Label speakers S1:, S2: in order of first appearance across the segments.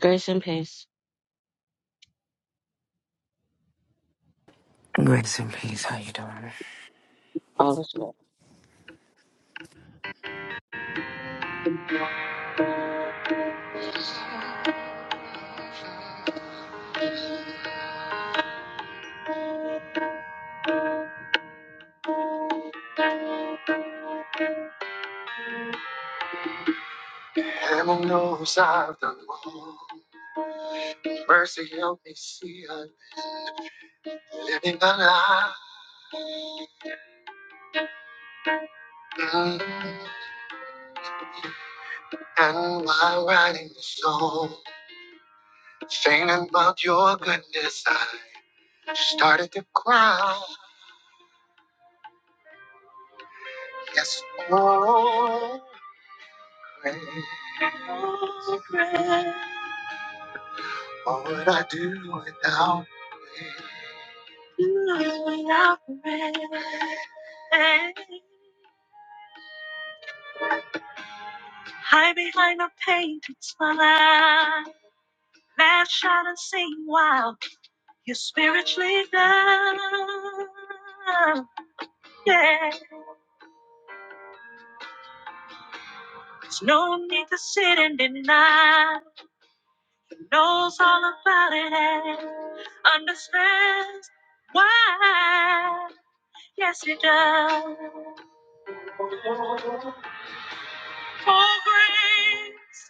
S1: Grace and peace.
S2: Grace and peace. How you doing?
S1: All is well. Heaven knows I've done wrong. Mercy help me see I'm living the lie. Mm. And while writing the song, thinking about your goodness, I started to cry. Yes, oh, pray. what would I do without you? Hide behind a painted smile. Lash out and sing wild. You're spiritually loved. Yeah. There's no need to sit and deny. He knows all about it and understands why. Yes, he does. Oh, grace,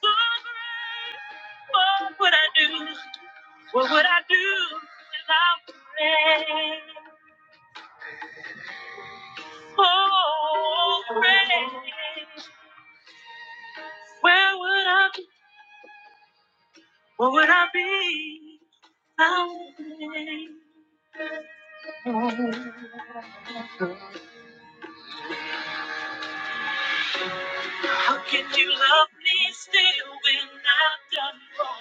S1: oh, grace, what would I do? What would I do without grace? Oh, grace, where would I be? What would I be without you? How could you love me still when I've done wrong?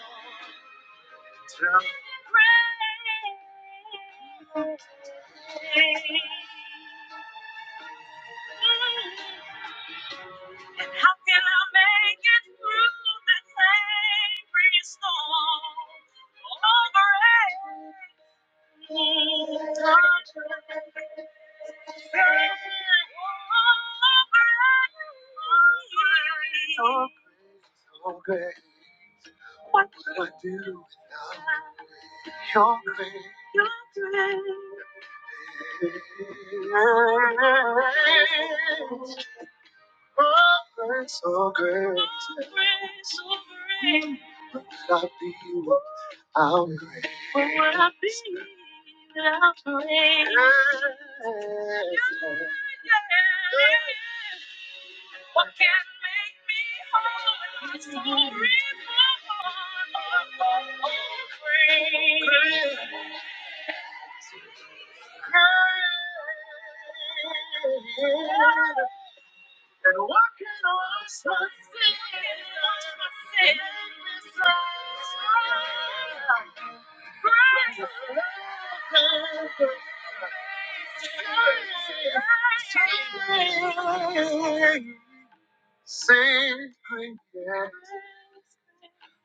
S1: And how can I make it through this angry storm? Oh, grace. So great, what would I do without your grace? Your grace. Oh, grace, oh, grace. Oh, Grace, oh, grace. Would i be without grace. What would I be without grace? Yes. What can make me whole? It's only for grace. Grace and walking on sunset. Sing, sing, great yes.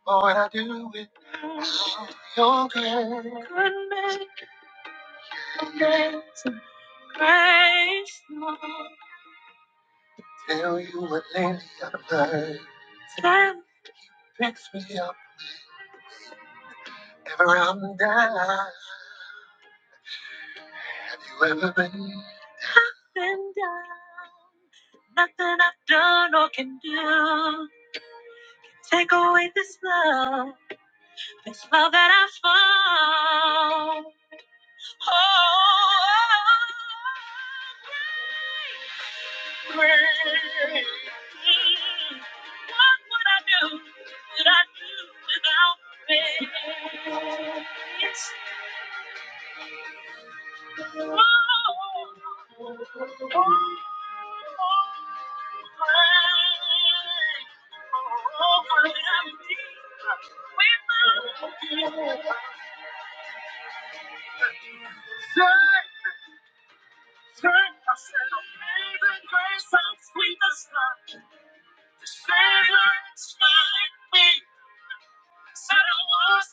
S1: Lord, I do it. now. Your goodness, grace, Lord. Tell you what lately I've learned. Tell- Fix me up. Ever I'm down. Have you ever been? up and down. Nothing I've done or can do. Take away this love, this love that I found. Oh, grace, grace. What would I do? What would I do without grace? Said I was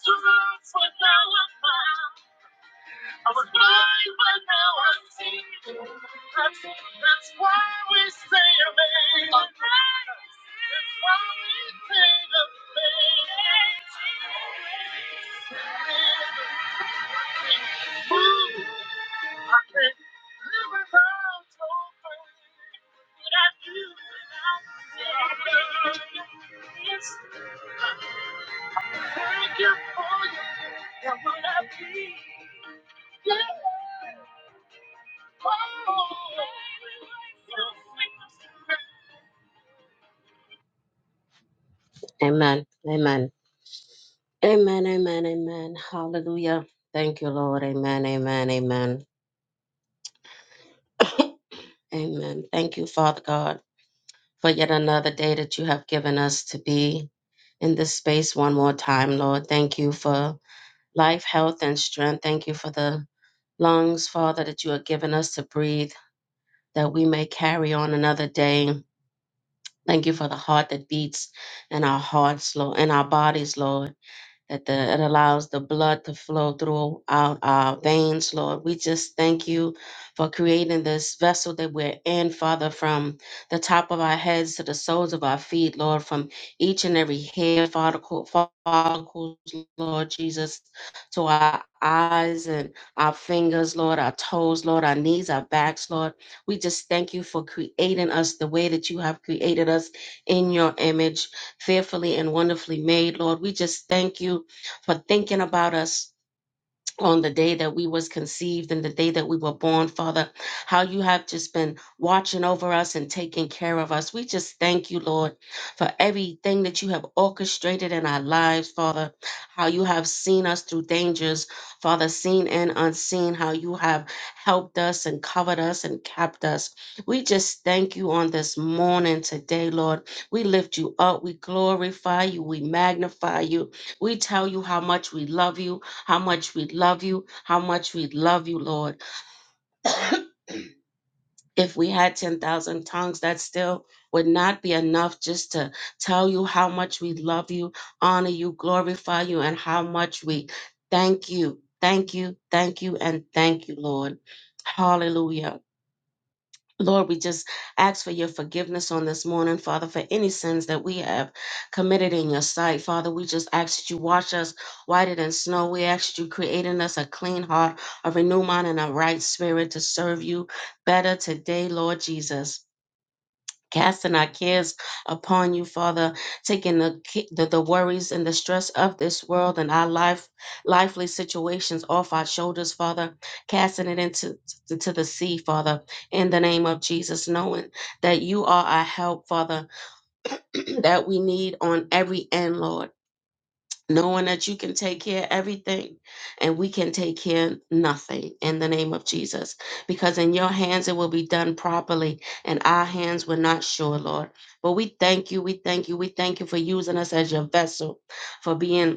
S1: to love for now I'm found. I was blind, but now I see. That's, that's why we say amazing. That's why we say amazing. Ooh, I can't live without your faith. What I do without you. Yes, I thank you for you. And what I be. Yeah. Amen. Amen. Amen. Amen. Amen. Hallelujah. Thank you, Lord. Amen. Amen. Amen. Amen. Thank you, Father God, for yet another day that you have given us to be in this space one more time, Lord. Thank you for life, health, and strength. Thank you for the lungs, Father, that you have given us to breathe, that we may carry on another day. Thank you for the heart that beats in our hearts, Lord, in our bodies, Lord. that the, it allows the blood to flow throughout our veins, Lord. We just thank you for creating this vessel that we're in, Father, from the top of our heads to the soles of our feet, Lord, from each and every hair follicle, follicles, Lord Jesus, to our eyes and our fingers, Lord, our toes, Lord, our knees, our backs, Lord. We just thank you for creating us the way that you have created us in your image fearfully and wonderfully made. Lord, we just thank you for thinking about us on the day that we was conceived and the day that we were born father how you have just been watching over us and taking care of us we just thank you lord for everything that you have orchestrated in our lives father how you have seen us through dangers father seen and unseen how you have helped us and covered us and kept us we just thank you on this morning today lord we lift you up we glorify you we magnify you we tell you how much we love you how much we love you, how much we love you, Lord if we had 10,000 tongues, that still would not be enough just to tell you how much we love you, honor you, glorify you, and how much we thank you, thank you, thank you, and thank you, Lord. Hallelujah. Lord, we just ask for your forgiveness on this morning, Father, for any sins that we have committed in your sight. Father, we just ask that you wash us whiter than snow. We ask that you create in us a clean heart, a renewed mind, and a right spirit to serve you better today, Lord Jesus casting our cares upon you, Father, taking the, ki- the the worries and the stress of this world and our life, lively situations off our shoulders, Father, casting it into to, to the sea, Father, in the name of Jesus, knowing that you are our help, Father, that we need on every end, Lord knowing that you can take care of everything and we can take care of nothing in the name of Jesus. Because in your hands it will be done properly, and our hands were not sure, Lord. But we thank you, we thank you, we thank you for using us as your vessel, for being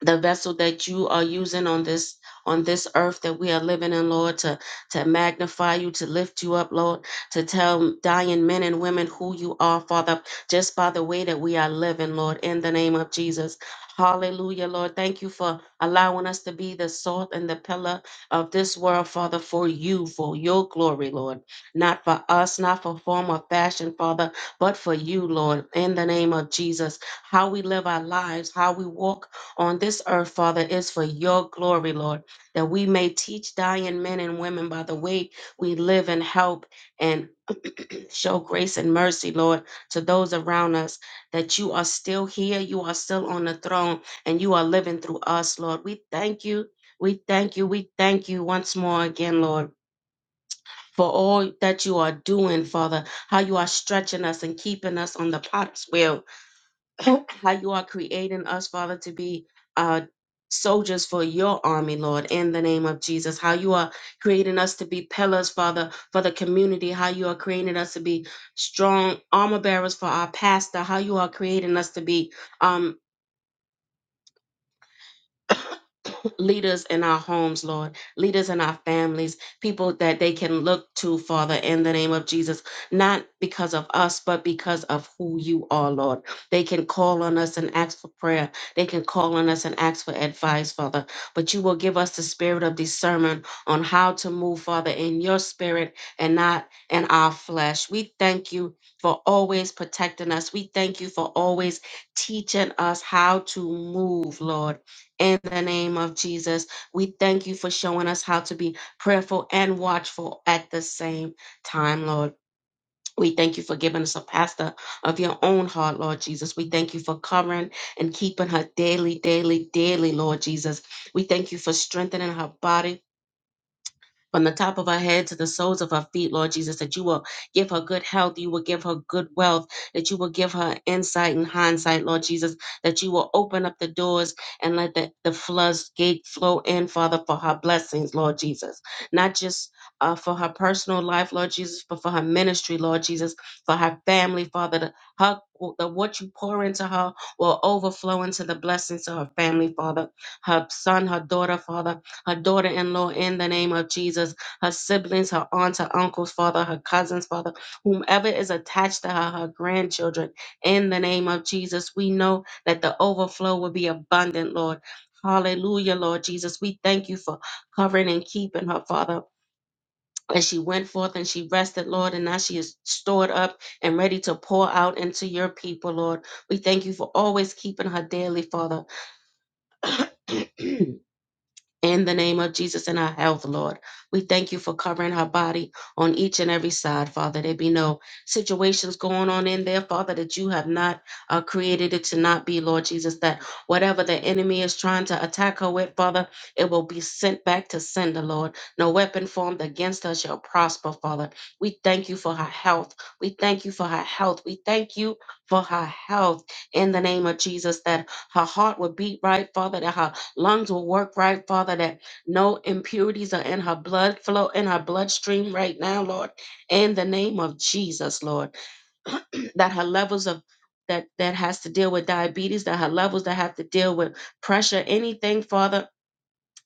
S1: the vessel that you are using on this on this earth that we are living in lord to to magnify you to lift you up lord to tell dying men and women who you are father just by the way that we are living lord in the name of jesus hallelujah lord thank you for allowing us to be the salt and the pillar of this world father for you for your glory lord not for us not for form or fashion father but for you lord in the name of jesus how we live our lives how we walk on this earth, Father, is for your glory, Lord, that we may teach dying men and women by the way we live and help and show grace and mercy, Lord, to those around us, that you are still here, you are still on the throne, and you are living through us, Lord. We thank you. We thank you. We thank you once more again, Lord. For all that you are doing, Father, how you are stretching us and keeping us on the potter's wheel, how you are creating us, Father, to be uh, soldiers for your army, Lord, in the name of Jesus. How you are creating us to be pillars, Father, for the community. How you are creating us to be strong armor bearers for our pastor. How you are creating us to be. um, leaders in our homes, Lord, leaders in our families, people that they can look to, Father, in the name of Jesus, not because of us, but because of who you are, Lord. They can call on us and ask for prayer. They can call on us and ask for advice, Father. But you will give us the spirit of discernment on how to move, Father, in your spirit and not in our flesh. We thank you for always protecting us. We thank you for always teaching us how to move, Lord in the name of Jesus. We thank you for showing us how to be prayerful and watchful at the same time, Lord. We thank you for giving us a pastor of your own heart, Lord Jesus. We thank you for covering and keeping her daily, daily, daily, Lord Jesus. We thank you for strengthening her body from the top of her head to the soles of her feet, Lord Jesus, that you will give her good health, you will give her good wealth, that you will give her insight and hindsight, Lord Jesus, that you will open up the doors and let the, the floods gate flow in, Father, for her blessings, Lord Jesus. Not just uh, for her personal life, Lord Jesus, but for her ministry, Lord Jesus, for her family, Father, the, her, the, what you pour into her will overflow into the blessings of her family, Father, her son, her daughter, Father, her daughter in law in the name of Jesus, her siblings, her aunts, her uncles, father, her cousins, father, whomever is attached to her, her grandchildren, in the name of Jesus. We know that the overflow will be abundant, Lord. Hallelujah, Lord Jesus. We thank you for covering and keeping her, Father. And she went forth and she rested, Lord, and now she is stored up and ready to pour out into your people, Lord. We thank you for always keeping her daily, Father. in the name of Jesus in her health, Lord. We thank you for covering her body on each and every side, Father. There be no situations going on in there, Father, that you have not uh, created it to not be, Lord Jesus, that whatever the enemy is trying to attack her with, Father, it will be sent back to sender, Lord. No weapon formed against her shall prosper, Father. We thank you for her health. We thank you for her health. We thank you for her health in the name of Jesus, that her heart will beat right, Father, that her lungs will work right, Father, that no impurities are in her blood flow, in her bloodstream right now, Lord, in the name of Jesus, Lord, that her levels of that that has to deal with diabetes, that her levels that have to deal with pressure, anything, Father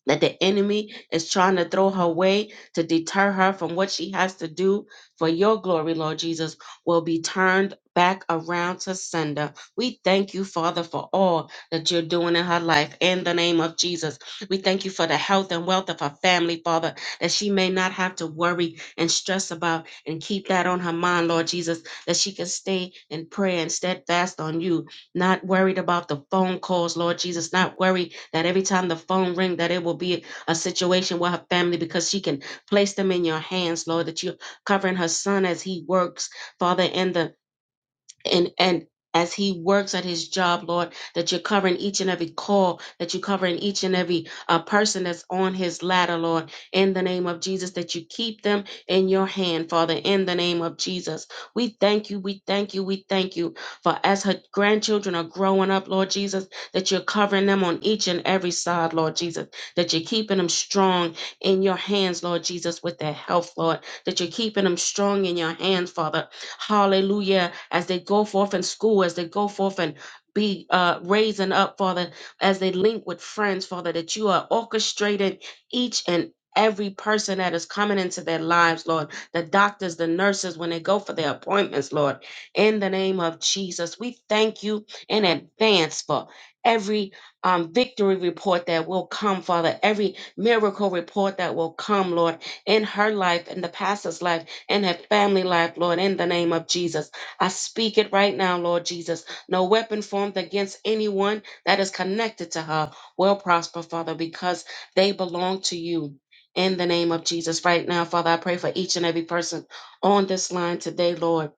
S1: that the enemy is trying to throw her way to deter her from what she has to do for your glory, Lord Jesus, will be turned back around to sender. We thank you, Father, for all that you're doing in her life in the name of Jesus. We thank you for the health and wealth of her family, Father, that she may not have to worry and stress about and keep that on her mind, Lord Jesus, that she can stay in prayer and steadfast on you not worried about the phone calls, Lord Jesus, not worried that every time the phone ring that it will be a situation with her family because she can place them in your hands, Lord, that you're covering her son as he works, Father, in the and and as he works at his job, Lord, that you're covering each and every call, that you're covering each and every uh, person that's on his ladder, Lord, in the name of Jesus, that you keep them in your hand, Father, in the name of Jesus. We thank you, we thank you, we thank you for as her grandchildren are growing up, Lord Jesus, that you're covering them on each and every side, Lord Jesus, that you're keeping them strong in your hands, Lord Jesus, with their health, Lord, that you're keeping them strong in your hands, Father, Hallelujah. As they go forth in school, as they go forth and be uh, raising up, Father, as they link with friends, Father, that you are orchestrating each and every person that is coming into their lives, Lord, the doctors, the nurses, when they go for their appointments, Lord, in the name of Jesus, we thank you in advance for every um, victory report that will come, Father, every miracle report that will come, Lord, in her life, in the pastor's life in her family life, Lord, in the name of Jesus. I speak it right now, Lord Jesus. No weapon formed against anyone that is connected to her will prosper, Father, because they belong to you. In the name of Jesus, right now, Father, I pray for each and every person on this line today, Lord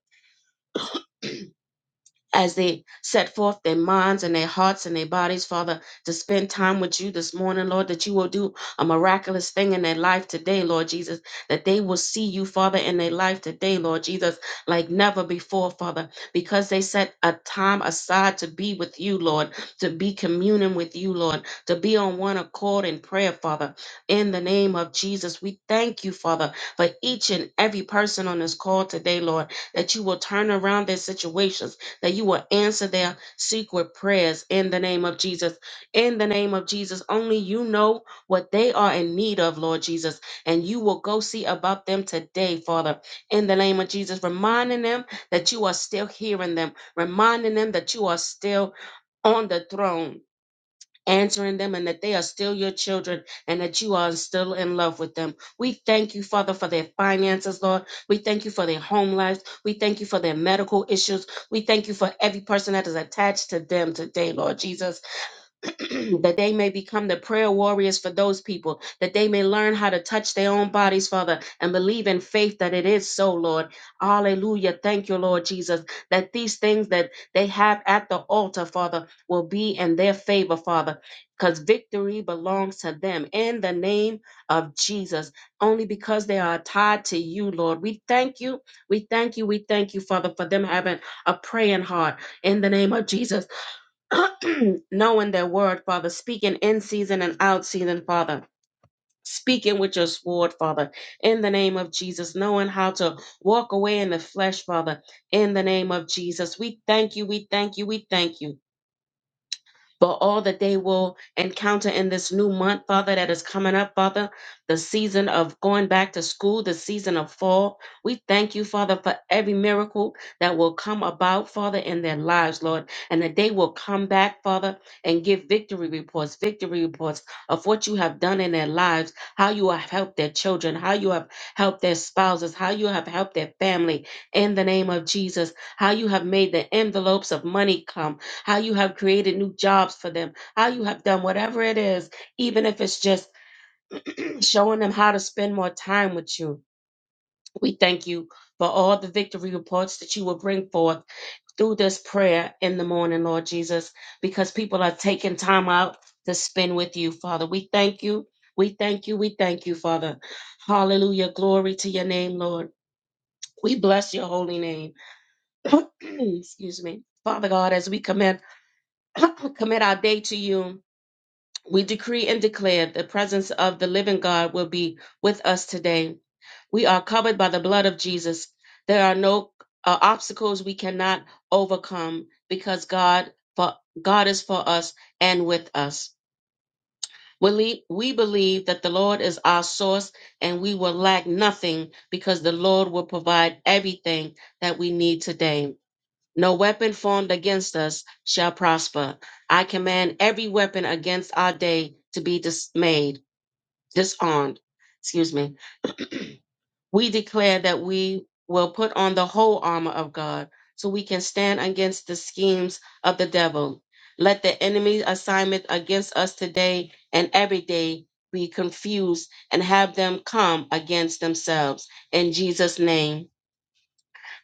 S1: as they set forth their minds and their hearts and their bodies, Father, to spend time with you this morning, Lord, that you will do a miraculous thing in their life today, Lord Jesus, that they will see you, Father, in their life today, Lord Jesus, like never before, Father, because they set a time aside to be with you, Lord, to be communing with you, Lord, to be on one accord in prayer, Father. In the name of Jesus, we thank you, Father, for each and every person on this call today, Lord, that you will turn around their situations that you will answer their secret prayers in the name of Jesus. In the name of Jesus, only you know what they are in need of, Lord Jesus, and you will go see about them today, Father. In the name of Jesus, reminding them that you are still hearing them, reminding them that you are still on the throne answering them and that they are still your children and that you are still in love with them. We thank you, Father, for their finances, Lord. We thank you for their home lives. We thank you for their medical issues. We thank you for every person that is attached to them today, Lord Jesus. that they may become the prayer warriors for those people, that they may learn how to touch their own bodies, Father, and believe in faith that it is so, Lord. Hallelujah. Thank you, Lord Jesus, that these things that they have at the altar, Father, will be in their favor, Father, because victory belongs to them in the name of Jesus, only because they are tied to you, Lord. We thank you. We thank you. We thank you, Father, for them having a praying heart in the name of Jesus. knowing their word, Father, speaking in season and out season, Father. Speaking with your sword, Father, in the name of Jesus, knowing how to walk away in the flesh, Father, in the name of Jesus. We thank you, we thank you, we thank you but all that they will encounter in this new month, Father, that is coming up, Father, the season of going back to school, the season of fall. We thank you, Father, for every miracle that will come about, Father, in their lives, Lord, and that they will come back, Father, and give victory reports, victory reports of what you have done in their lives, how you have helped their children, how you have helped their spouses, how you have helped their family in the name of Jesus, how you have made the envelopes of money come how you have created new jobs for them, how you have done whatever it is, even if it's just showing them how to spend more time with you. We thank you for all the victory reports that you will bring forth through this prayer in the morning, Lord Jesus, because people are taking time out to spend with you, Father. We thank you. We thank you. We thank you, Father. Hallelujah. Glory to your name, Lord. We bless your holy name. Excuse me. Father God, as we commit commit our day to you. We decree and declare the presence of the living God will be with us today. We are covered by the blood of Jesus. There are no uh, obstacles we cannot overcome because God for God is for us and with us. We we believe that the Lord is our source and we will lack nothing because the Lord will provide everything that we need today. No weapon formed against us shall prosper. I command every weapon against our day to be dismayed, disarmed. Excuse me. we declare that we will put on the whole armor of God so we can stand against the schemes of the devil. Let the enemy's assignment against us today and every day be confused and have them come against themselves. In Jesus' name.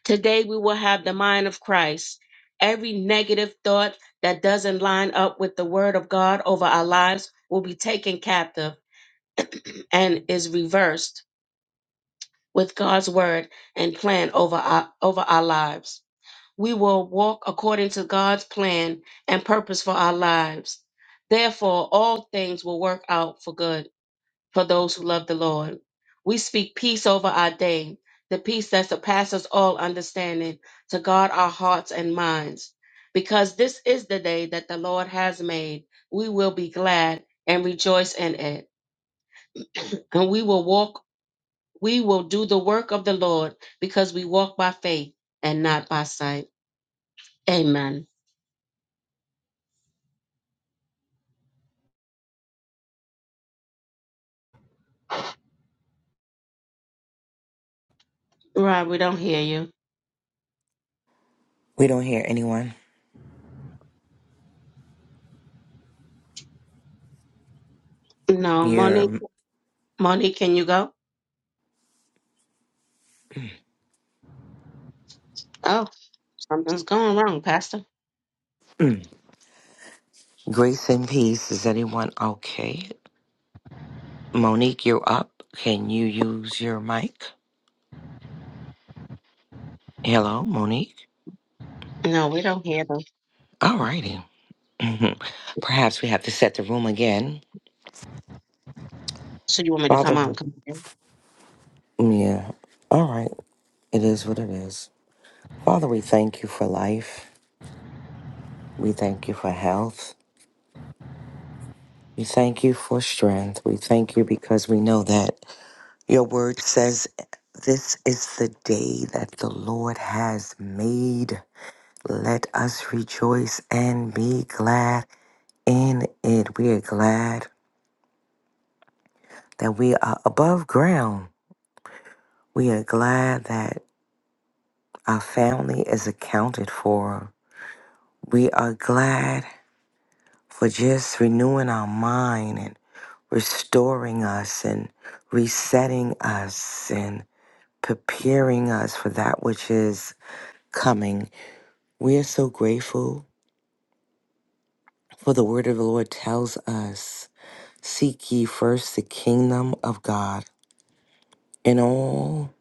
S1: Today we will have the mind of Christ. Every negative thought that doesn't line up with the word of God over our lives will be taken captive and is reversed with God's word and plan over our, over our lives. We will walk according to God's plan and purpose for our lives. Therefore, all things will work out for good for those who love the Lord. We speak peace over our day, the peace that surpasses all understanding, to guard our hearts and minds. Because this is the day that the Lord has made, we will be glad and rejoice in it. And we will walk, we will do the work of the Lord because we walk by faith and not by sight. Amen. Right, we don't hear you.
S2: We don't hear anyone.
S1: No, Monique,
S2: Your
S1: Monique, can you go? Oh, something's going wrong, Pastor.
S2: grace and peace. Is anyone okay? Monique, you're up. Can you use your mic? Hello, Monique.
S1: No, we don't hear them.
S2: All righty. Mhm. Perhaps we have to set the room again.
S1: So you want me to
S2: Father,
S1: come on? Come
S2: yeah. All right. It is what it is. Father, we thank you for life. We thank you for health. We thank you for strength. We thank you because we know that. Your word says, This is the day that the Lord has made. Let us rejoice and be glad in it. We are glad that we are above ground. We are glad that our family is accounted for. We are glad for just renewing our mind and restoring us and resetting us and preparing us for that which is coming. We are so grateful for the word of the Lord tells us, seek ye first the kingdom of God, and all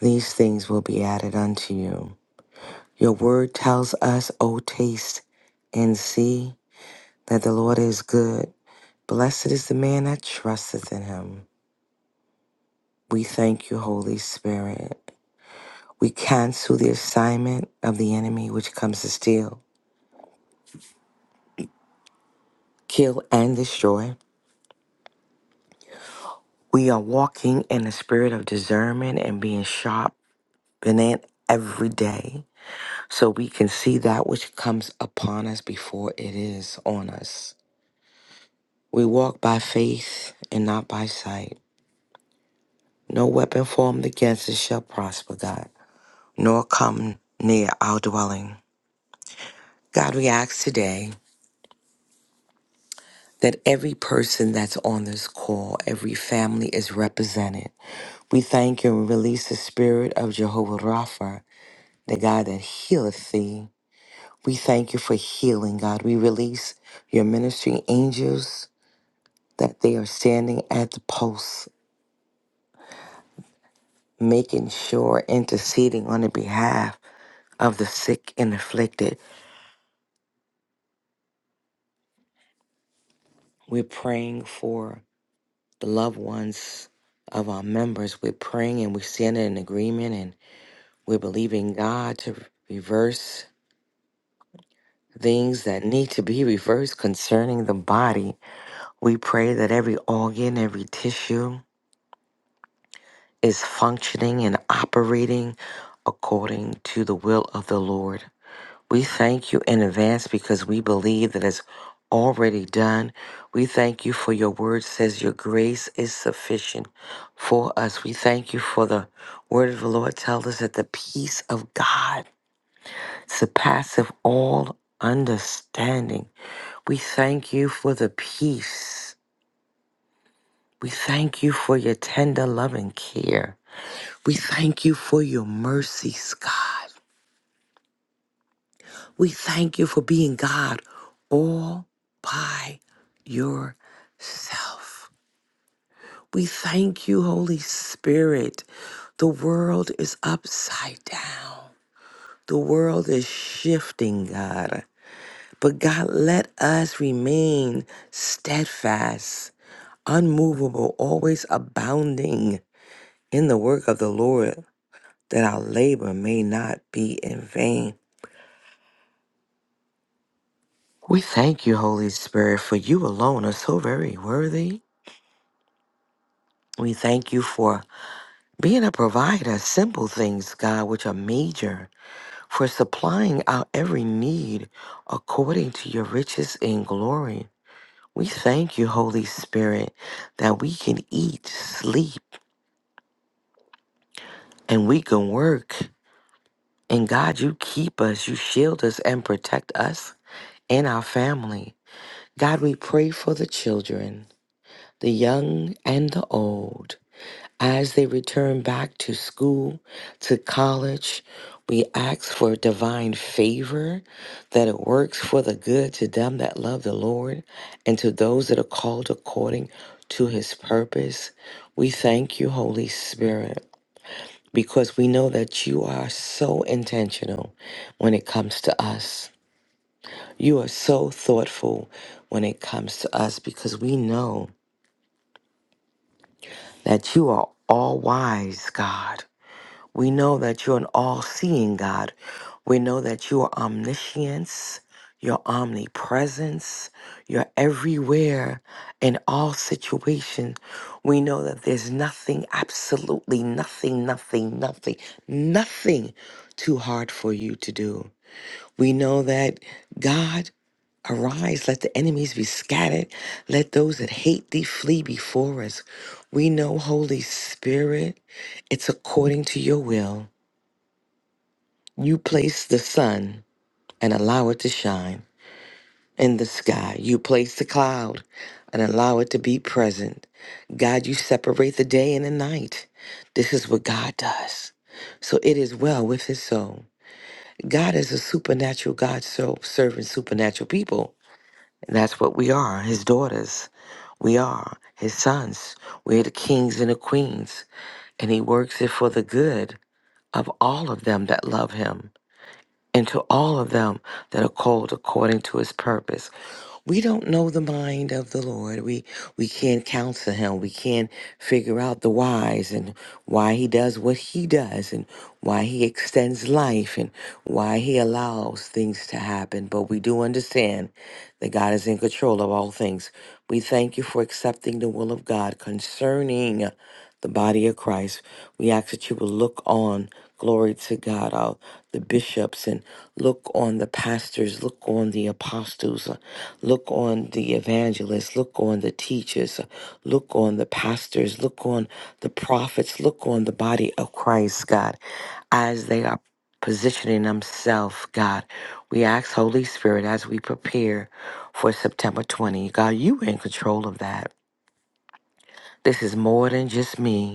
S2: these things will be added unto you. Your word tells us, O taste and see that the Lord is good. Blessed is the man that trusteth in him. We thank you, Holy Spirit. We cancel the assignment of the enemy which comes to steal, kill, and destroy. We are walking in the spirit of discernment and being sharp Been in every day. So we can see that which comes upon us before it is on us. We walk by faith and not by sight. No weapon formed against us shall prosper, God, nor come near our dwelling. God, we ask today that every person that's on this call, every family is represented. We thank you and release the spirit of Jehovah Rapha, the God that healeth thee We thank you for healing, God. We release your ministry angels that they are standing at the posts, making sure, interceding on the behalf of the sick and afflicted. We're praying for the loved ones of our members. We're praying and we're standing in agreement and we're believing God to reverse things that need to be reversed concerning the body. We pray that every organ, every tissue, is functioning and operating according to the will of the Lord. We thank you in advance because we believe that it's already done. We thank you for your word says your grace is sufficient for us. We thank you for the word of the Lord tells us that the peace of God surpasses all understanding. We thank you for the peace. We thank you for your tender love and care. We thank you for your mercies, God. We thank you for being God all by yourself. We thank you, Holy Spirit. The world is upside down, the world is shifting, God. But God, let us remain steadfast, unmovable, always abounding in the work of the Lord, that our labor may not be in vain. We thank you, Holy Spirit, for you alone are so very worthy. We thank you for being a provider, simple things, God, which are major, for supplying our every need according to your riches in glory. We thank you, Holy Spirit, that we can eat, sleep, and we can work. And God, you keep us, you shield us, and protect us and our family. God, we pray for the children, the young and the old. As they return back to school, to college, we ask for divine favor that it works for the good to them that love the Lord and to those that are called according to his purpose. We thank you, Holy Spirit, because we know that you are so intentional when it comes to us. You are so thoughtful when it comes to us because we know that you are all wise, God. We know that you're an all seeing God. We know that you are omniscience, your omnipresence, you're everywhere in all situations. We know that there's nothing, absolutely nothing, nothing, nothing, nothing too hard for you to do. We know that God arise, let the enemies be scattered, let those that hate thee flee before us. We know, Holy Spirit, it's according to your will. You place the sun and allow it to shine in the sky. You place the cloud and allow it to be present. God, you separate the day and the night. This is what God does. So it is well with his soul. God is a supernatural God, so serving supernatural people. And that's what we are, his daughters. We are his sons. We're the kings and the queens. And he works it for the good of all of them that love him. and to all of them that are called according to his purpose. We don't know the mind of the Lord. We we can't counsel him. We can't figure out the whys and why he does what he does and why he extends life and why he allows things to happen. But we do understand that God is in control of all things. We thank you for accepting the will of God concerning the body of Christ. We ask that you will look on Glory to God, all the bishops, and look on the pastors, look on the apostles, uh, look on the evangelists, look on the teachers, uh, look on the pastors, look on the prophets, look on the body of Christ, God, as they are positioning themselves, God. We ask, Holy Spirit, as we prepare for September 20, God, you in control of that. This is more than just me.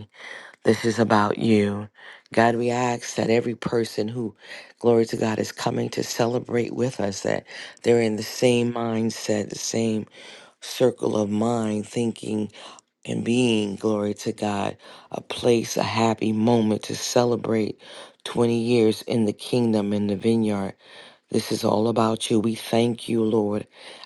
S2: This is about you. God, we ask that every person who, glory to God, is coming to celebrate with us, that they're in the same mindset, the same circle of mind, thinking and being, glory to God, a place, a happy moment to celebrate 20 years in the kingdom, in the vineyard. This is all about you. We thank you, Lord,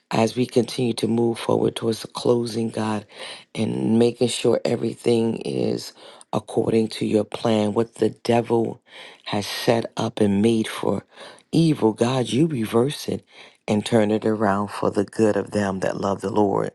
S2: as we continue to move forward towards the closing, God, and making sure everything is according to your plan. What the devil has set up and made for evil, God, you reverse it and turn it around for the good of them that love the Lord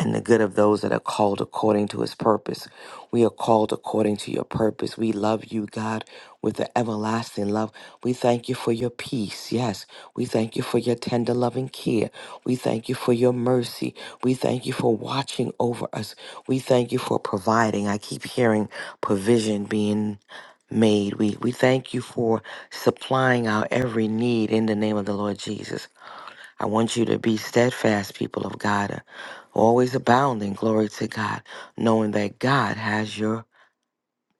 S2: and the good of those that are called according to his purpose. We are called according to your purpose. We love you, God, with the everlasting love. We thank you for your peace. Yes. We thank you for your tender loving care. We thank you for your mercy. We thank you for watching over us. We thank you for providing. I keep hearing provision being made. We we thank you for supplying our every need in the name of the Lord Jesus. I want you to be steadfast, people of God, uh, always abounding, glory to God, knowing that God has your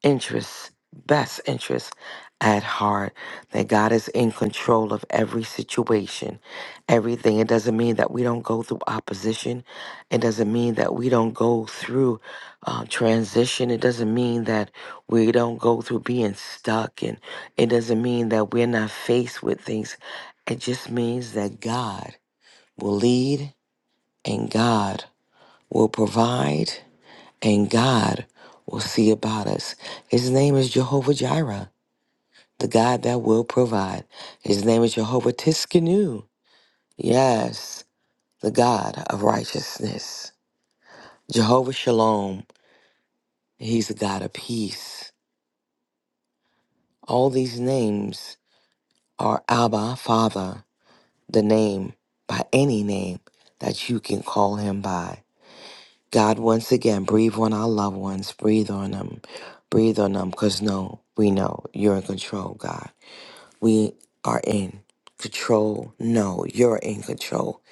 S2: interests, best interests at heart, that God is in control of every situation, everything. It doesn't mean that we don't go through opposition. It doesn't mean that we don't go through uh, transition. It doesn't mean that we don't go through being stuck. And it doesn't mean that we're not faced with things. It just means that God will lead and God will provide and God will see about us. His name is Jehovah Jireh, the God that will provide. His name is Jehovah Tiskanu. Yes, the God of righteousness. Jehovah Shalom, he's the God of peace. All these names are Abba, Father, the name by any name that you can call him by. God, once again, breathe on our loved ones. Breathe on them. Breathe on them because no, we know you're in control, God. We are in control. No, you're in control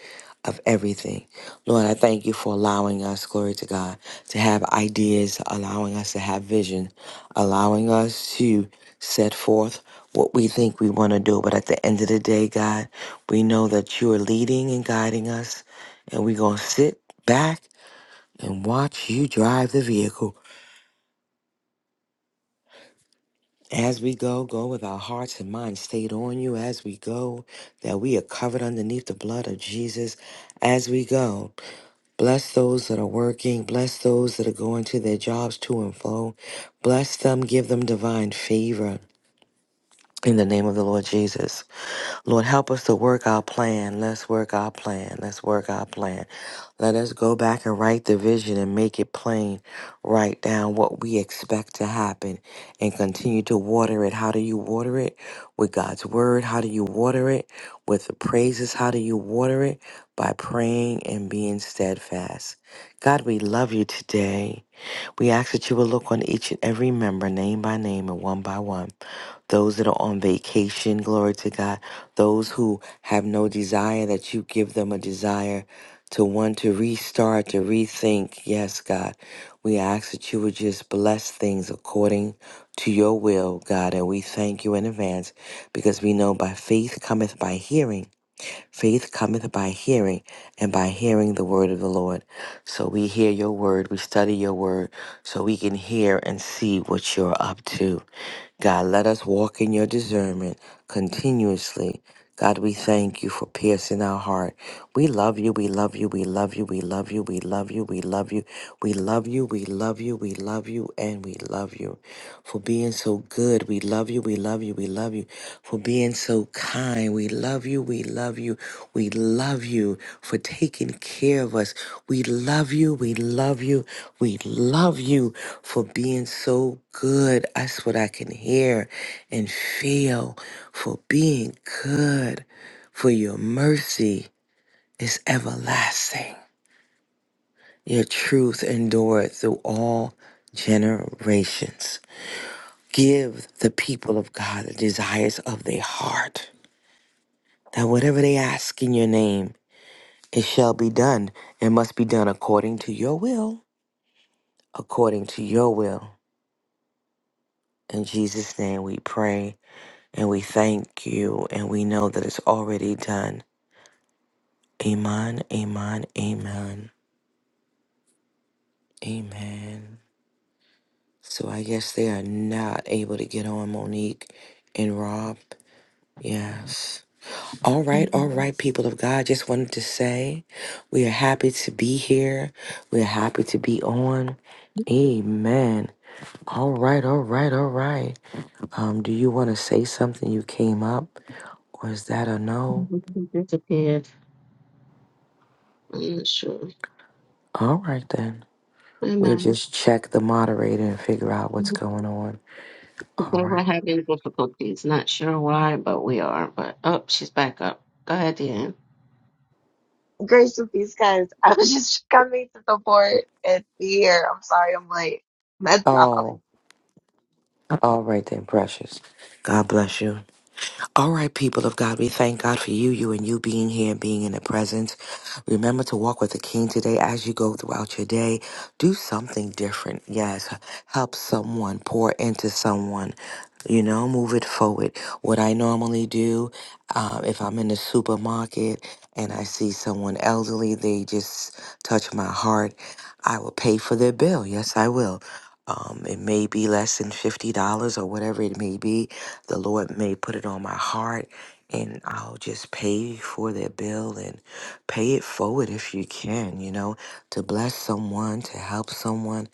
S2: of everything. Lord, I thank you for allowing us, glory to God, to have ideas, allowing us to have vision, allowing us to set forth what we think we want to do. But at the end of the day, God, we know that you are leading and guiding us, and we're going to sit back and watch you drive the vehicle. As we go, go with our hearts and minds stayed on you as we go, that we are covered underneath the blood of Jesus as we go. Bless those that are working, bless those that are going to their jobs to and fro. Bless them, give them divine favor. In the name of the Lord Jesus. Lord, help us to work our plan. Let's work our plan. Let's work our plan. Let us go back and write the vision and make it plain. Write down what we expect to happen and continue to water it. How do you water it? With God's word. How do you water it? With the praises. How do you water it? By praying and being steadfast. God, we love you today. We ask that you will look on each and every member, name by name and one by one those that are on vacation, glory to God, those who have no desire, that you give them a desire to want to restart, to rethink. Yes, God, we ask that you would just bless things according to your will, God, and we thank you in advance because we know by faith cometh by hearing Faith cometh by hearing, and by hearing the word of the Lord. So we hear your word, we study your word, so we can hear and see what you're up to. God, let us walk in your discernment continuously. God, we thank you for piercing our heart. We love you, we love you, we love you, we love you, we love you, we love you, we love you, we love you, we love you, and we love you for being so good. We love you, we love you, we love you for being so kind. We love you. We love you. We love you for taking care of us. We love you. We love you. We love you for being so good. That's what I can hear and feel for being good, for your mercy is everlasting. Your truth endured through all generations. Give the people of God the desires of their heart. that whatever they ask in your name, it shall be done. It must be done according to your will, according to your will. In Jesus' name we pray and we thank you and we know that it's already done. Amen, amen, amen, amen. So I guess they are not able to get on Monique and Rob. Yes. All right, all right, people of God. Just wanted to say we are happy to be here. We're happy to be on. Amen. All right, all right, all right. Um, do you want to say something? You came up, or is that a no?
S1: on. She disappeared. I'm not sure.
S2: All right, then.
S1: I
S2: We'll
S1: know.
S2: just check the moderator and figure out what's
S1: They
S2: going on. All
S1: were
S2: right.
S1: having difficulties. Not sure why, but we are. But oh, she's back up. Go ahead, Deanne.
S3: Grace and peace, guys. I was just coming to the port and here. I'm sorry, I'm late. That's all.
S2: Oh, all right, then, precious. God bless you. All right, people of God, we thank God for you, you and you being here and being in the presence. Remember to walk with the King today as you go throughout your day. Do something different. Yes, help someone, pour into someone. You know, move it forward. What I normally do, um, if I'm in the supermarket and I see someone elderly, they just touch my heart. I will pay for their bill. Yes, I will. Um, it may be less than fifty dollars or whatever it may be the Lord may put it on my heart and I'll just pay for their bill and pay it forward if you can, you know, to bless someone, to help someone.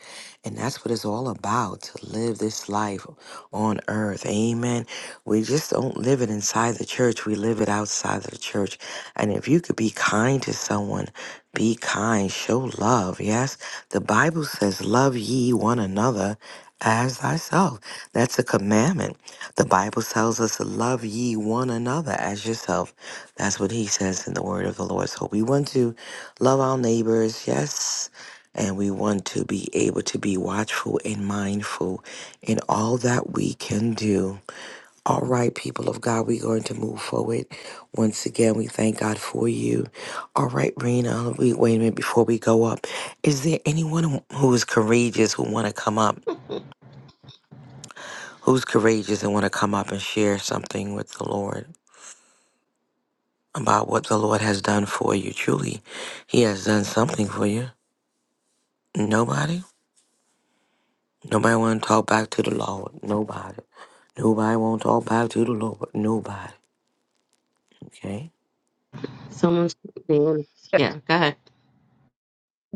S2: And that's what it's all about to live this life on earth. Amen. We just don't live it inside the church, we live it outside of the church. And if you could be kind to someone, be kind, show love. Yes, the Bible says, Love ye one another as thyself. That's a commandment. The Bible tells us to love ye one another as yourself. That's what he says in the word of the Lord. So we want to love our neighbors, yes, and we want to be able to be watchful and mindful in all that we can do. All right, people of God, we're going to move forward. Once again, we thank God for you. All right, Rena, we, wait a minute before we go up. Is there anyone who is courageous who want to come up? Who's courageous and want to come up and share something with the Lord? about what the Lord has done for you. Truly, He has done something for you. Nobody, nobody want to talk back to the Lord. Nobody, nobody want to talk back to the Lord. Nobody. Okay.
S1: Someone's Deanne. Yeah, go ahead.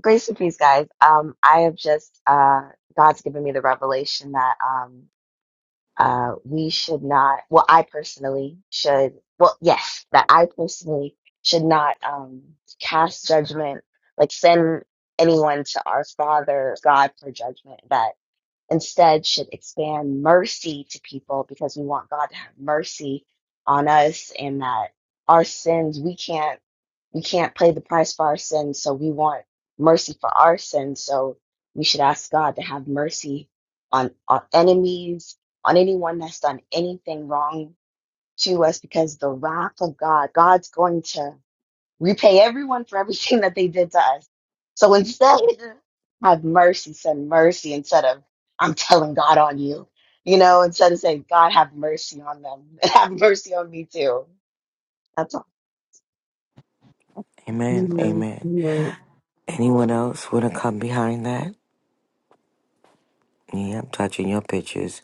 S3: Grace and peace, guys. Um, I have just uh, God's given me the revelation that um, uh, we should not. Well, I personally should. Well, yes, that I personally should not um cast judgment, like send anyone to our Father God for judgment. That instead should expand mercy to people because we want God to have mercy on us and that our sins we can't we can't pay the price for our sins so we want mercy for our sins so we should ask God to have mercy on our enemies on anyone that's done anything wrong to us because the wrath of God God's going to repay everyone for everything that they did to us. So instead, have mercy, send mercy instead of I'm telling God on you. You know, instead of saying, God, have mercy on them and have mercy on me too. That's all.
S2: Amen.
S1: Amen.
S2: Amen.
S1: Amen.
S2: Anyone else want to come behind that? Yeah, I'm touching your pictures,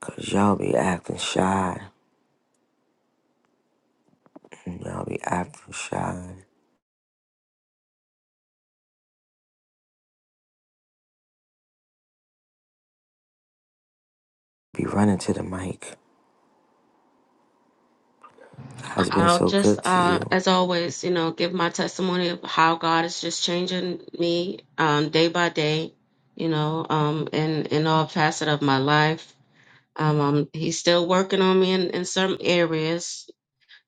S2: cause y'all be acting shy. Y'all be acting shy. Be running to the mic. God's been
S1: I'll
S2: so
S1: just,
S2: good to
S1: uh,
S2: you.
S1: as always, you know, give my testimony of how God is just changing me um, day by day, you know, um, in, in all facet of my life. Um, um, he's still working on me in, in some areas,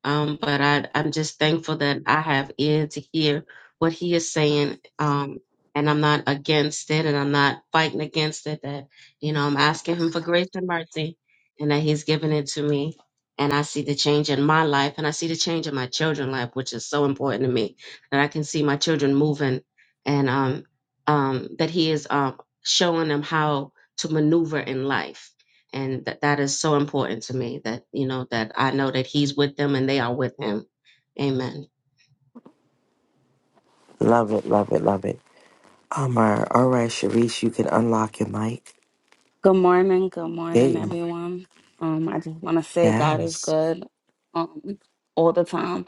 S1: Um, but I, I'm just thankful that I have ear to hear what he is saying. Um, and I'm not against it and I'm not fighting against it. That, you know, I'm asking him for grace and mercy and that he's giving it to me. And I see the change in my life and I see the change in my children's life, which is so important to me that I can see my children moving and um, um, that he is um, showing them how to maneuver in life and that that is so important to me that you know that I know that he's with them and they are with him. Amen.
S2: Love it. Love it. Love it. Amar. All right, Sharice, you can unlock your mic.
S4: Good morning, good
S2: There
S4: morning,
S2: you go.
S4: everyone. Um, I just want to say God is
S2: Yes.
S4: good. Um, all the time.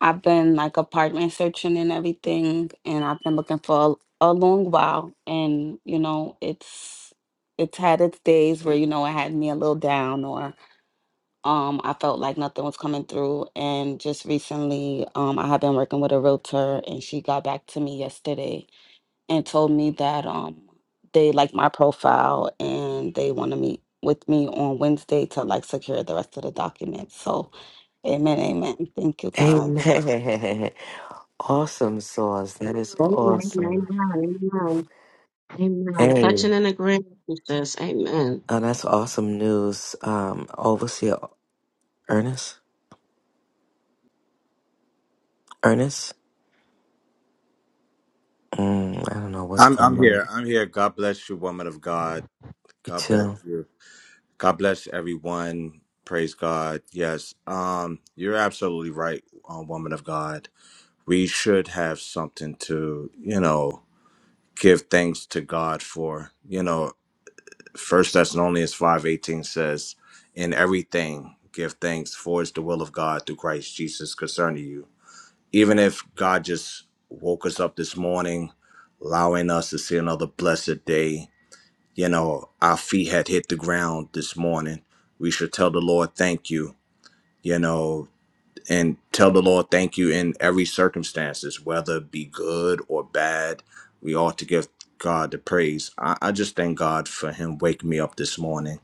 S4: I've been like apartment searching and everything, and I've been looking for a, a long while. And you know, it's it's had its days where you know it had me a little down, or um, I felt like nothing was coming through. And just recently, um, I have been working with a realtor, and she got back to me yesterday and told me that um they like my profile and they want to meet with me on Wednesday to like secure the rest of the documents. So amen, amen. Thank you, God.
S2: Amen. Awesome sauce. That is
S1: Amen.
S2: awesome.
S1: Amen. Amen. Amen.
S2: Hey,
S1: Touching and agreeing with this. Amen.
S2: oh, that's awesome news. Um, Overseer Ernest. Ernest. Mm, I don't know what's
S5: I'm I'm
S2: going on.
S5: here. I'm here. God bless you, woman of God.
S2: You
S5: God bless
S2: too.
S5: you. God bless everyone. Praise God. Yes. Um, you're absolutely right, um, woman of God. We should have something to, you know, give thanks to God for. You know, First Thessalonians five eighteen says, "In everything give thanks, for it's the will of God through Christ Jesus concerning you." Even if God just woke us up this morning, allowing us to see another blessed day you know, our feet had hit the ground this morning. We should tell the Lord thank you, you know, and tell the Lord thank you in every circumstances, whether it be good or bad. We ought to give God the praise. I, I just thank God for Him waking me up this morning,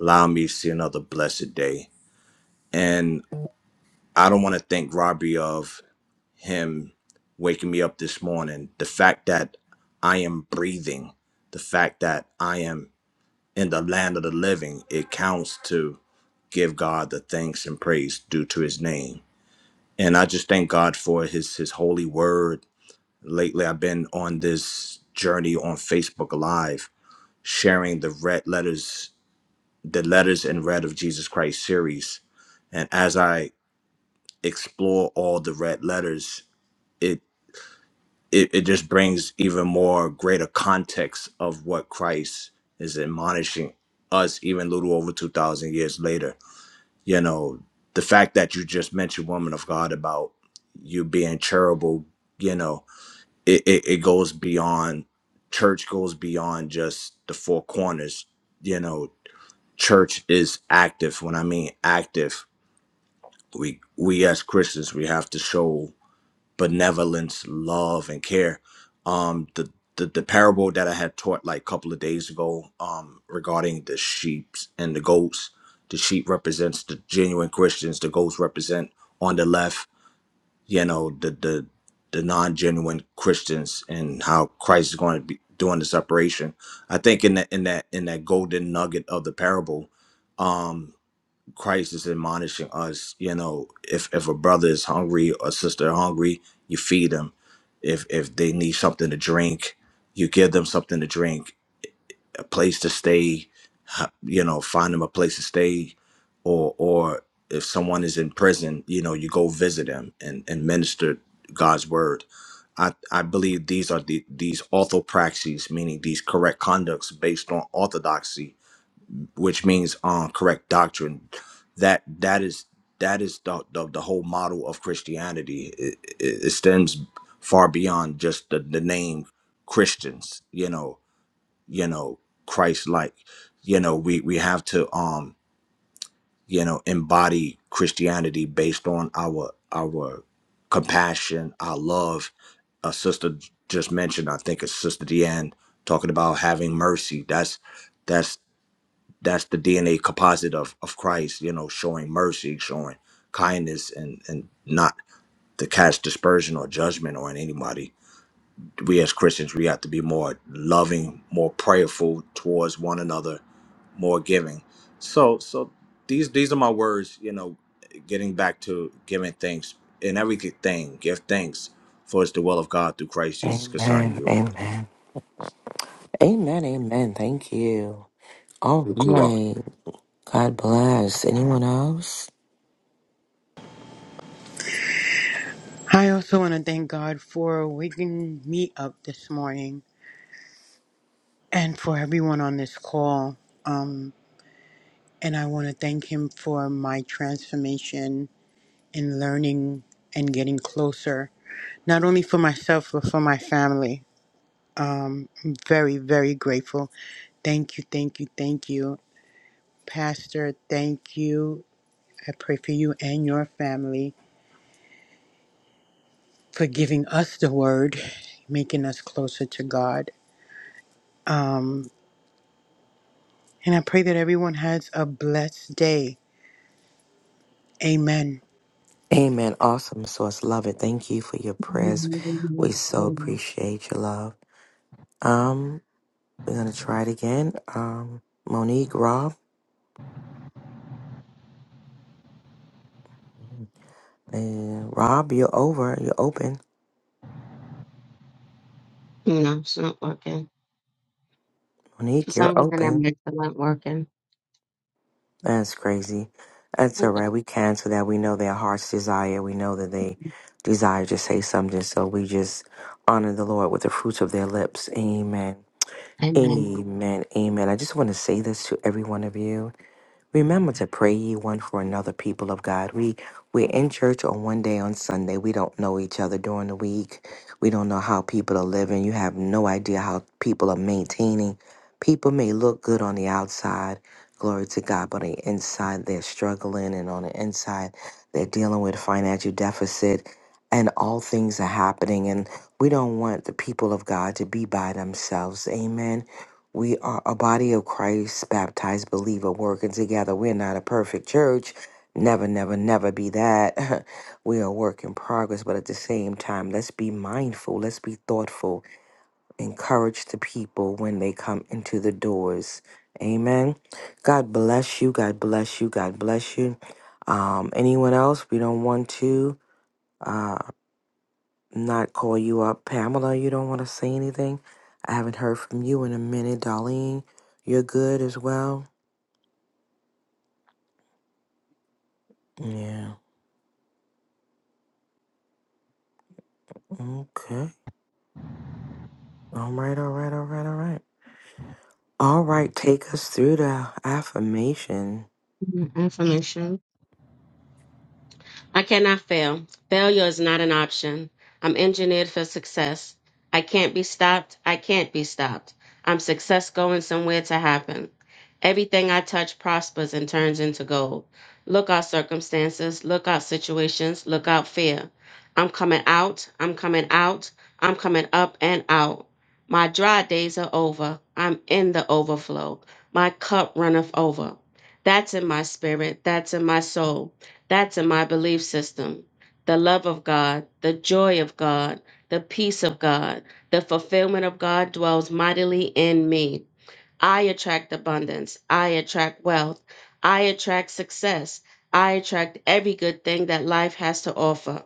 S5: allowing me to see another blessed day. And I don't want to thank Robbie of him waking me up this morning. The fact that I am breathing, the fact that I am in the land of the living, it counts to give God the thanks and praise due to his name. And I just thank God for his his holy word. Lately I've been on this journey on Facebook Live sharing the red letters the letters in red of Jesus Christ series. And as I explore all the red letters, it it, it just brings even more greater context of what Christ is admonishing us even a little over 2000 years later you know the fact that you just mentioned woman of god about you being charitable you know it, it, it goes beyond church goes beyond just the four corners you know church is active when i mean active we we as christians we have to show benevolence, love, and care. Um, the, the the parable that I had taught like a couple of days ago, um, regarding the sheep and the goats. The sheep represents the genuine Christians. The goats represent on the left, you know, the the the non genuine Christians and how Christ is going to be doing the separation. I think in that in that in that golden nugget of the parable. um, Christ is admonishing us, you know, if if a brother is hungry or sister hungry, you feed them. If if they need something to drink, you give them something to drink, a place to stay, ha- you know, find them a place to stay, or or if someone is in prison, you know, you go visit them and and minister God's word. I, I believe these are the these orthopraxies, meaning these correct conducts based on orthodoxy which means um correct doctrine that that is that is the the, the whole model of christianity it, it, it stems far beyond just the, the name christians you know you know christ like you know we we have to um you know embody christianity based on our our compassion our love a sister j- just mentioned i think it's sister deanne talking about having mercy That's that's that's the DNA composite of of Christ, you know, showing mercy, showing kindness, and and not to cast dispersion or judgment on anybody. We as Christians, we have to be more loving, more prayerful towards one another, more giving. So so these these are my words, you know, getting back to giving thanks in everything, give thanks for it's the will of God through Christ Jesus concerning
S2: Amen.
S5: you.
S2: Amen. Amen. Amen. Thank you. All
S5: You're welcome.
S2: right. God bless. Anyone else?
S6: I also want to thank God for waking me up this morning and for everyone on this call. Um, and I want to thank Him for my transformation in learning and getting closer, not only for myself, but for my family. Um, I'm very, very grateful. Thank you, thank you, thank you. Pastor, thank you. I pray for you and your family for giving us the word, making us closer to God. Um, And I pray that everyone has a blessed day. Amen.
S2: Amen. Awesome sauce. Love it. Thank you for your prayers. We
S1: Amen.
S2: so
S1: Amen.
S2: appreciate your love. Um, We're gonna try it again. Um, Monique, Rob, and Rob, you're over. You're open.
S1: No, it's not working. For
S2: Monique, you're
S1: some reason, it
S2: open.
S1: makes it not working.
S2: That's crazy. That's all right. We cancel that. We know their heart's desire. We know that they desire to say something. So we just honor the Lord with the fruits of their lips. Amen.
S1: Amen.
S2: Amen. Amen. I just want to say this to every one of you. Remember to pray ye one for another, people of God. We we're in church on one day on Sunday. We don't know each other during the week. We don't know how people are living. You have no idea how people are maintaining. People may look good on the outside, glory to God, but on the inside they're struggling and on the inside they're dealing with financial deficit and all things are happening and we don't want the people of God to be by themselves. Amen we are a body of Christ, baptized believer, working together. We're not a perfect church. Never, never, never be that. we are a work in progress, but at the same time, let's be mindful, let's be thoughtful, encourage the people when they come into the doors. Amen. God bless you. God bless you. God bless you. Um, anyone else? We don't want to. uh, not call you up. Pamela, you don't want to say anything? I haven't heard from you in a minute. Darlene, you're good as well? Yeah. Okay. All right, all right, all right, all right. All right, take us through the affirmation.
S1: Mm-hmm. Information. I cannot fail. Failure is not an option. I'm engineered for success. I can't be stopped. I can't be stopped. I'm success going somewhere to happen. Everything I touch prospers and turns into gold. Look out circumstances, look out situations, look out fear. I'm coming out, I'm coming out, I'm coming up and out. My dry days are over. I'm in the overflow. My cup runneth over. That's in my spirit, that's in my soul. That's in my belief system. The love of God, the joy of God, the peace of God, the fulfillment of God dwells mightily in me. I attract abundance. I attract wealth. I attract success. I attract every good thing that life has to offer.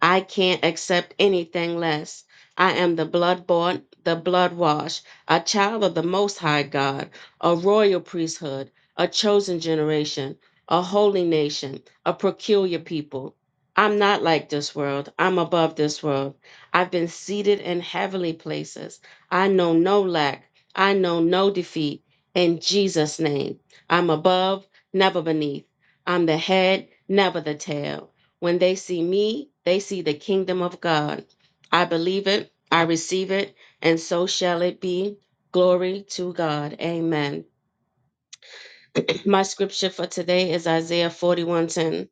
S1: I can't accept anything less. I am the blood-born, the blood-washed, a child of the Most High God, a royal priesthood, a chosen generation, a holy nation, a peculiar people. I'm not like this world. I'm above this world. I've been seated in heavenly places. I know no lack. I know no defeat in Jesus' name. I'm above, never beneath. I'm the head, never the tail. When they see me, they see the kingdom of God. I believe it, I receive it, and so shall it be. Glory to God. Amen. My scripture for today is Isaiah 41:10.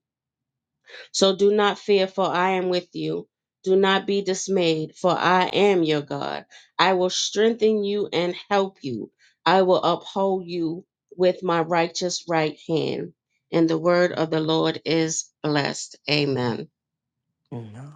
S1: So do not fear, for I am with you. Do not be dismayed, for I am your God. I will strengthen you and help you. I will uphold you with my righteous right hand. And the word of the Lord is blessed. Amen.
S2: No,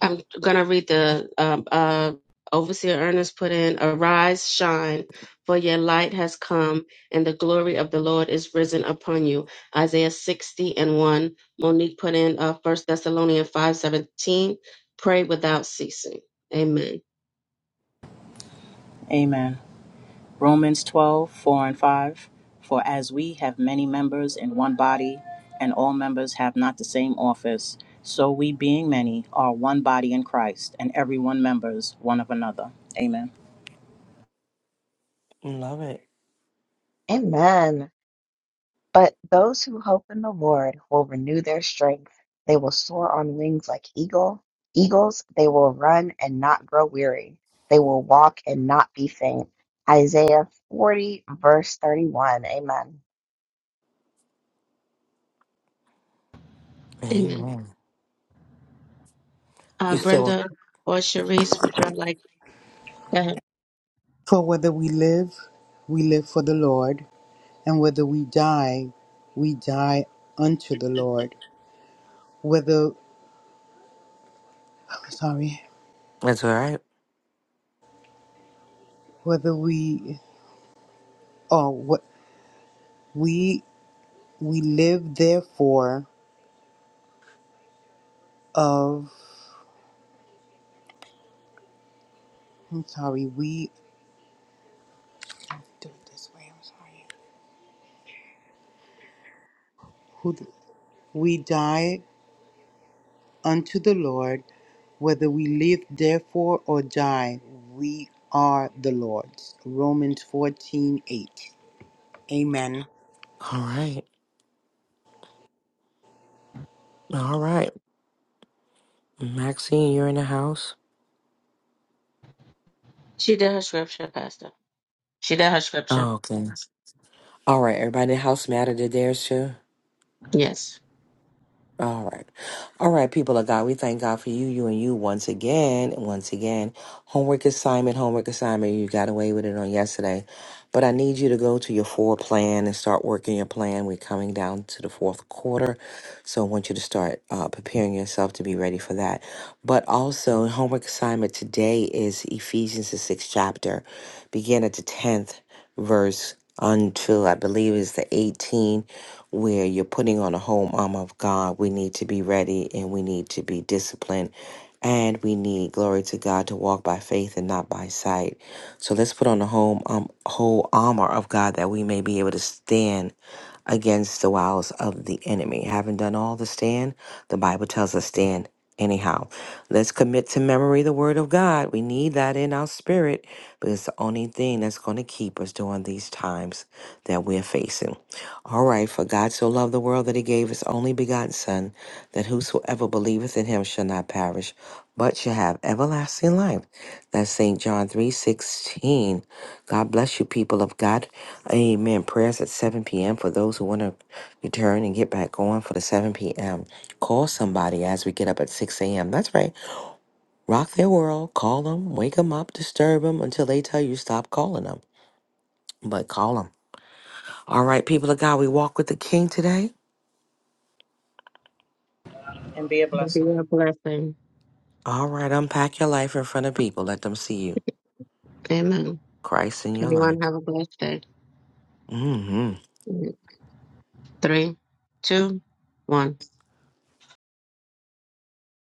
S1: I'm gonna read the um, uh, overseer Ernest put in. Arise, shine, for your light has come, and the glory of the Lord is risen upon you. Isaiah 60 and 1. Monique put in uh, 1 Thessalonians 5:17 Pray without ceasing. Amen.
S7: Amen. Romans 12 4 and 5. For as we have many members in one body, and all members have not the same office, so we, being many, are one body in Christ, and every one members one of another. Amen.
S2: love it.
S3: Amen. But those who hope in the Lord will renew their strength. They will soar on wings like eagle. Eagles, they will run and not grow weary. They will walk and not be faint. Isaiah 40, verse 31. Amen.
S1: Amen.
S2: Amen.
S1: Uh,
S2: You still,
S1: Brenda or Sharice, would y'all like go ahead.
S6: For whether we live, we live for the Lord, and whether we die, we die unto the Lord. Whether sorry,
S2: that's all right.
S6: whether we oh what we we live therefore of I'm sorry, we do it this way, I'm sorry. Who we die unto the Lord Whether we live, therefore, or die, we are the Lord's. Romans fourteen eight. Amen.
S2: All right. All right. Maxine, you're in the house?
S1: She did her scripture, Pastor. She did her scripture.
S2: Oh, okay. All right, everybody in the house, matter to theirs too?
S1: Yes.
S2: All right. All right, people of God, we thank God for you, you and you once again, and once again. Homework assignment, homework assignment. You got away with it on yesterday. But I need you to go to your four plan and start working your plan. We're coming down to the fourth quarter. So I want you to start uh, preparing yourself to be ready for that. But also, homework assignment today is Ephesians, the sixth chapter, begin at the 10th verse until I believe is the 18, where you're putting on a home armor of God. We need to be ready and we need to be disciplined and we need glory to God to walk by faith and not by sight. So let's put on the whole, um, whole armor of God that we may be able to stand against the wiles of the enemy. Having done all to stand, the Bible tells us stand anyhow. Let's commit to memory the word of God. We need that in our spirit spirit because it's the only thing that's going to keep us during these times that we're facing. All right, for God so loved the world that he gave his only begotten Son, that whosoever believeth in him shall not perish, but shall have everlasting life. That's St. John three sixteen. God bless you, people of God. Amen. Prayers at 7 p.m. for those who want to return and get back on for the 7 p.m. Call somebody as we get up at 6 a.m. That's right. Rock their world, call them, wake them up, disturb them until they tell you stop calling them. But call them. All right, people of God, we walk with the King today.
S7: And be a
S1: it'll Be
S7: blessing.
S1: a blessing.
S2: All right, unpack your life in front of people. Let them see you.
S1: Amen.
S2: Christ in your
S1: Everyone
S2: life.
S1: have a blessed day.
S2: Hmm.
S1: three, two, one.